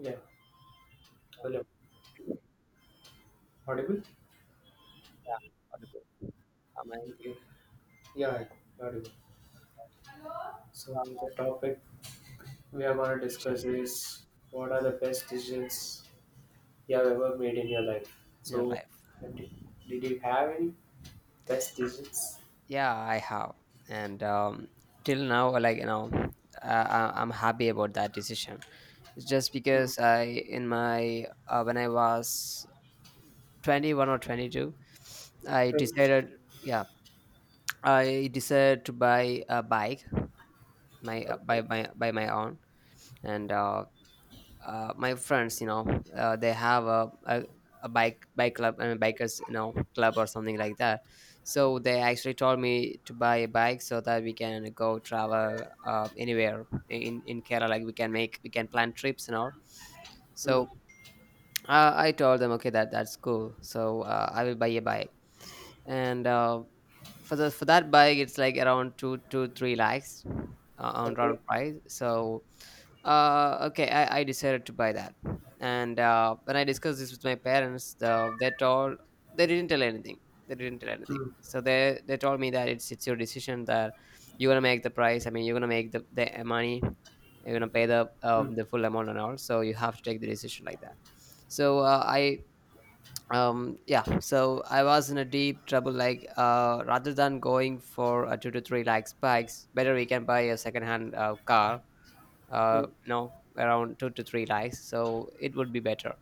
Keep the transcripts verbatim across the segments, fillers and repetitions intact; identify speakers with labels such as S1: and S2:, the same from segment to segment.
S1: Yeah, hello. Audible?
S2: Yeah, audible. Am I
S1: Okay. Yeah, yeah, audible. So the topic we are going to discuss
S2: session
S1: is what are the best decisions you have ever made in your life?
S2: in your
S1: So
S2: life?
S1: and did, did you have any best decisions?
S2: Yeah, I have, and um till now like you know uh, I- I'm happy about that decision. It's just
S1: Hmm.
S2: because I in my uh, when I was twenty-one or twenty-two, I
S1: Okay.
S2: decided. Yeah, I decided to buy a bike my uh, by my by my own. And uh, uh, My friends, you know uh, they have a, a a bike bike club and bikers, you know, club or something like that. So they actually told me to buy a bike so that we can go travel uh, anywhere in in Kerala. Like we can make, we can plan trips and all.
S1: Hmm.
S2: So uh, I told them, okay, that that's cool, so uh, I will buy a bike. And uh, for the for that bike, it's like around two two three lakhs uh, on
S1: Okay.
S2: round price. So uh, okay, I, I decided to buy that. And uh, when I discussed this with my parents, the, they told, they didn't tell anything. They didn't tell anything.
S1: Hmm.
S2: So they they told me that it's it's your decision, that you're gonna make the price. I mean, you're gonna make the, the uh, money. You're gonna pay the um, the full amount and all. So you have to take the decision like that. So uh, I um yeah. So I was in a deep trouble. Like uh, rather than going for a two to three lakh spikes, better we can buy a second hand uh, car,
S1: Hmm.
S2: uh, you know, around two to three likes, so it would be better.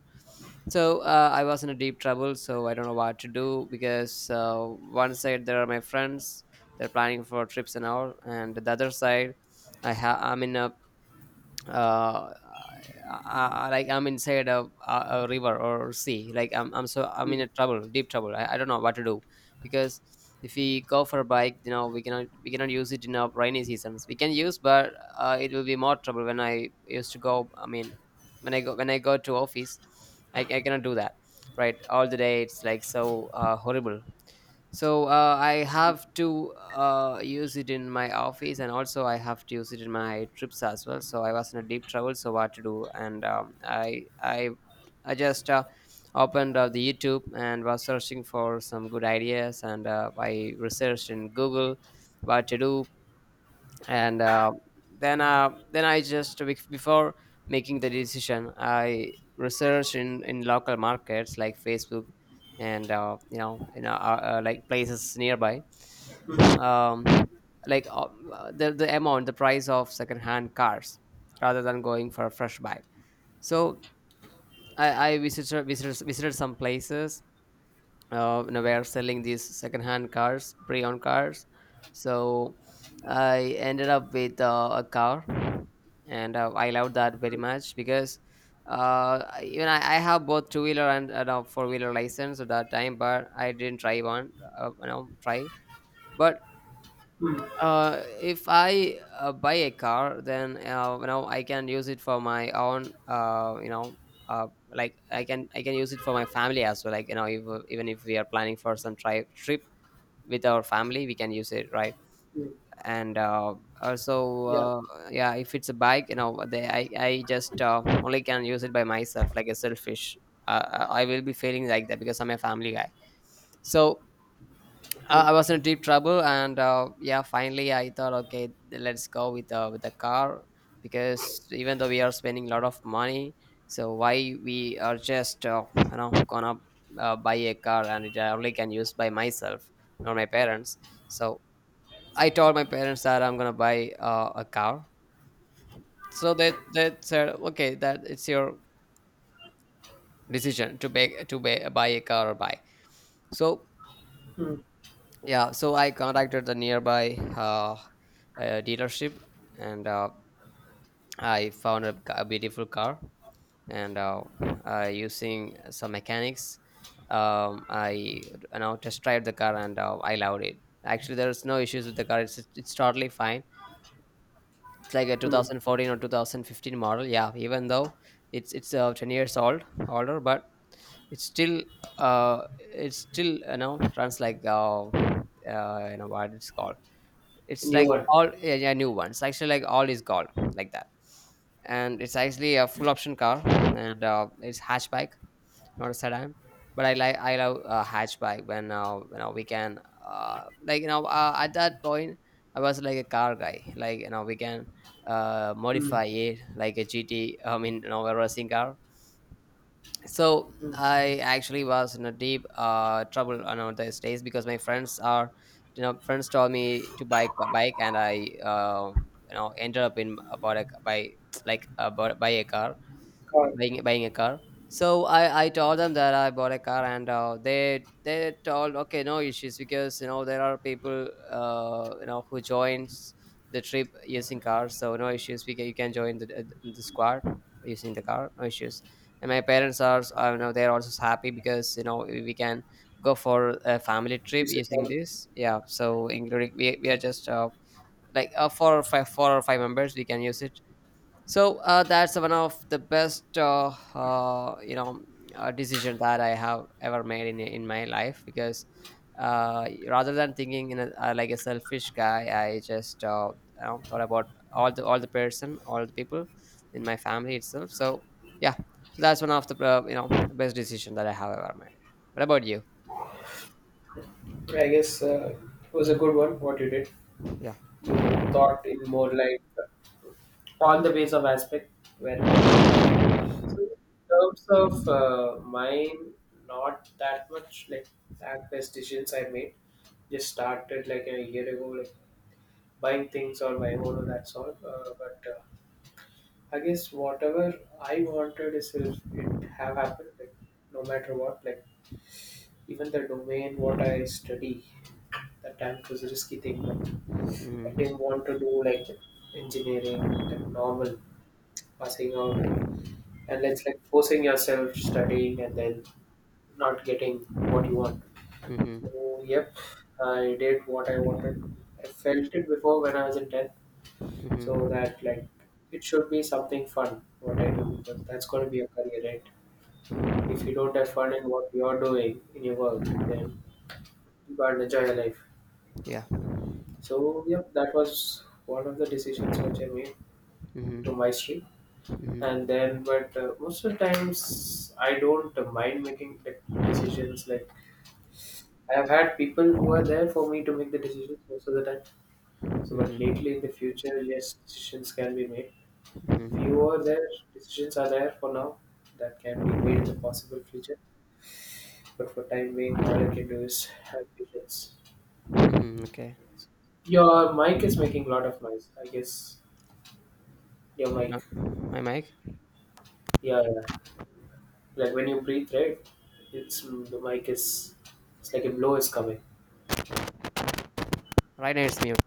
S2: So uh, I was in a deep trouble. So I don't know what to do because uh, one side there are my friends, they're planning for trips and all, and the other side I have, I'm in a uh, I, I, like I'm inside a, a, a river or sea. Like I'm, I'm, so I'm in
S1: Hmm.
S2: a trouble, deep trouble. I, I don't know what to do because if we go for a bike, you know, we cannot we cannot use it in our rainy seasons. We can use, but uh, it will be more trouble when I used to go. I mean, when I go, when I go to office, I, I cannot do that. Right, all the day it's like so uh, horrible. So uh, I have to uh, use it in my office, and also I have to use it in my trips as well. So I was in a deep trouble, so what to do. And um, I I I just uh, opened uh, the YouTube and was searching for some good ideas. And uh, I researched in Google what to do. And uh, then uh, then I just bef- before making the decision, I research in in local markets like Facebook. And uh, you know you know uh, uh, like places nearby. Um, like uh, the the amount, the price of secondhand cars, rather than going for a fresh bike. So I, I visited, visited visited some places uh, you know, were selling these secondhand cars, pre-owned cars. So I ended up with uh, a car, and uh, I loved that very
S1: Hmm.
S2: much because uh, I- even I, I have both two-wheeler and, and four-wheeler license at that time, but I didn't try one. Uh, you know, try, but
S1: Hmm.
S2: uh, if I uh, buy a car, then uh, you know, I can use it for my own. Uh, you know, uh, like I can, I can use it for my family as well. Like, you know, if uh, even if we are planning for some tri- trip with our family, we can use it, right?
S1: Hmm.
S2: And uh, also,
S1: Yeah.
S2: uh, yeah, if it's a bike, you know, they, I I just uh, only can use it by myself, like a selfish. Uh, I I will be feeling like that because I'm a family guy. So
S1: Hmm.
S2: uh, I was in deep trouble, and uh, yeah, finally I thought, okay, th- let's go with uh, with the car, because even though we are spending a lot of money, so why we are just uh, you know, gonna uh, buy a car, and it I only can use by myself, not my parents. So I told my parents that I'm gonna buy uh, a car. So they they said, okay, that it's your decision to buy, to buy, buy a car or buy. So
S1: Hmm.
S2: yeah, so I contacted the nearby uh, uh, dealership, and uh, I found a, ca- a beautiful car, and uh, uh, using some mechanics, um, I, you know, test drive the car, and uh, I loved it. Actually, there's no issues with the car, it's it's totally fine. It's like a
S1: Hmm.
S2: two thousand fourteen or twenty fifteen model. Yeah, even though it's it's uh, ten years old, older, but it's still uh it's still, you know, runs like uh, uh you know, what it's called. It's
S1: New
S2: like
S1: one.
S2: all, yeah, yeah, new ones. Actually, like all is gold, like that. And it's actually a full option car, and uh, it's hatchback, not a sedan. But I like I love uh, hatchback when, uh, you know we can, uh, like you know uh, at that point I was like a car guy. Like, you know, we can uh,
S1: Hmm.
S2: modify it like a G T. I mean, you know, a racing car. So
S1: Hmm.
S2: I actually was in a deep uh, trouble on, know, these days because my friends are, you know, friends told me to buy a bike, and I uh, you know, ended up in about a, by like uh, bought- by a car,
S1: God,
S2: buying buying a car. So I I told them that I bought a car, and uh, they they told, okay, no issues, because you know, there are people, uh, you know, who joins the trip using cars, so no issues. We can, you can join the the squad using the car, no issues. And my parents are, I know, they're also happy because, you know, we can go for a family trip
S1: this is,
S2: using
S1: um,
S2: this. Yeah, so including we we are just, uh, like uh, four or five four or five members, we can use it. So uh, that's one of the best, uh, uh, you know, uh, decision that I have ever made in in my life, because uh, rather than thinking in a, uh, like a selfish guy, I just uh, you know, thought about all the, all the person, all the people in my family itself. So yeah, so that's one of the uh, you know best decision that I have ever made. What about you?
S1: I guess uh, it was a good one. What you did.
S2: Yeah.
S1: You thought in more like on the base of aspect where it can be used. So in terms of uh, mine, not that much like that best decisions I made. Just started like a year ago, like buying things on my own. Or that's all. Uh, but uh, I guess whatever I wanted is if it have happened. Like no matter what, like even the domain what I study, that time it was a risky thing. But I
S2: Hmm.
S1: didn't want to do like engineering, like normal passing out, and it's like forcing yourself studying and then not getting what you want.
S2: Hmm.
S1: So yep, I did what I wanted. I felt it before when I was in tenth. So
S2: Hmm.
S1: that like it should be something fun what I do, because that's going to be a career, right? If you don't have fun in what you're doing in your work, then you can't enjoy your life.
S2: Yeah.
S1: So yep, that was one of the decisions which I made
S2: Hmm.
S1: to my stream.
S2: Hmm. Hmm.
S1: And then but uh, most of the times I don't mind making like decisions like I've had people who are there for me to make the decisions most of the time. So but lately
S2: Hmm.
S1: in the future, yes, decisions can be made. Few
S2: Hmm.
S1: are there, decisions are there for now that can be made in the possible future. But for time being, all I can do is have patience.
S2: Okay.
S1: Your mic is making a lot of noise, I guess. Your mic.
S2: Uh, my mic.
S1: Yeah, yeah, like when you breathe, right? It's, the mic is, it's like a blow is coming.
S2: Right now it's mute.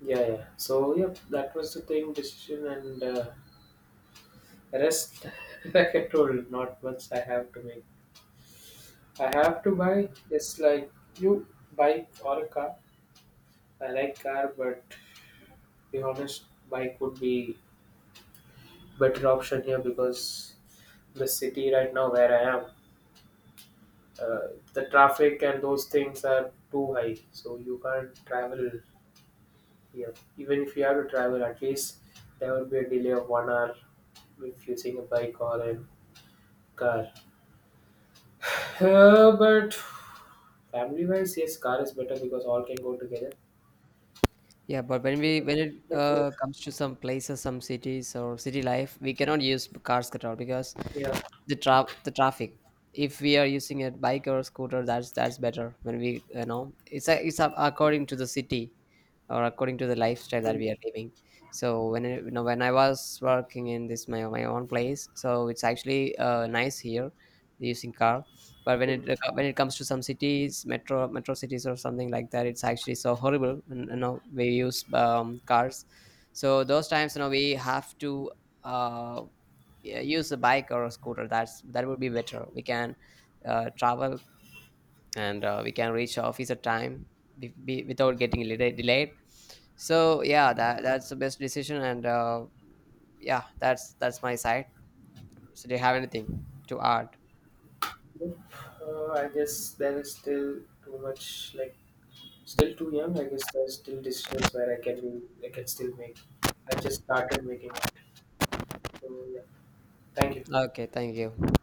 S1: Yeah, yeah. So yeah, that was the thing, decision and uh, rest. Like I told, not much I have to make. I have to buy. It's like you, bike or a car. I like car, but to be honest, bike would be better option here because the city right now where I am, uh, the traffic and those things are too high. So you can't travel here. Even if you have to travel, at least there would be a delay of one hour if using a bike or a car. Uh, but family wise, yes, car is better because all can go together.
S2: Yeah, but when we, when it
S1: But uh,
S2: uh, comes to some places, some cities, or city life, we cannot use cars at all, because
S1: yeah,
S2: the tra- the traffic, if we are using a bike or scooter, that's that's better, when we, you know, it's a, it's a, according to the city or according to the lifestyle that
S1: mm,
S2: we are living. So when I, you know, when I was working in this, my, my own place, so it's actually uh, nice here using car. But when it
S1: mm.
S2: uh, when it comes to some cities, metro metro cities or something like that, it's actually so horrible when, you know, we use um, cars. So those times, you know, we have to uh, yeah, use a bike or a scooter, that's that would be better. We can uh, travel, and uh, we can reach office at time, be, be, without getting late, delayed. So yeah, that that's the best decision, and uh, yeah, that's that's my side. So do you have anything to add?
S1: Nope. Uh, I guess there is still too much. Like still too young. I guess there's still decisions where I can be. I can still make. I just started making it. So yeah, thank you.
S2: Okay, thank you.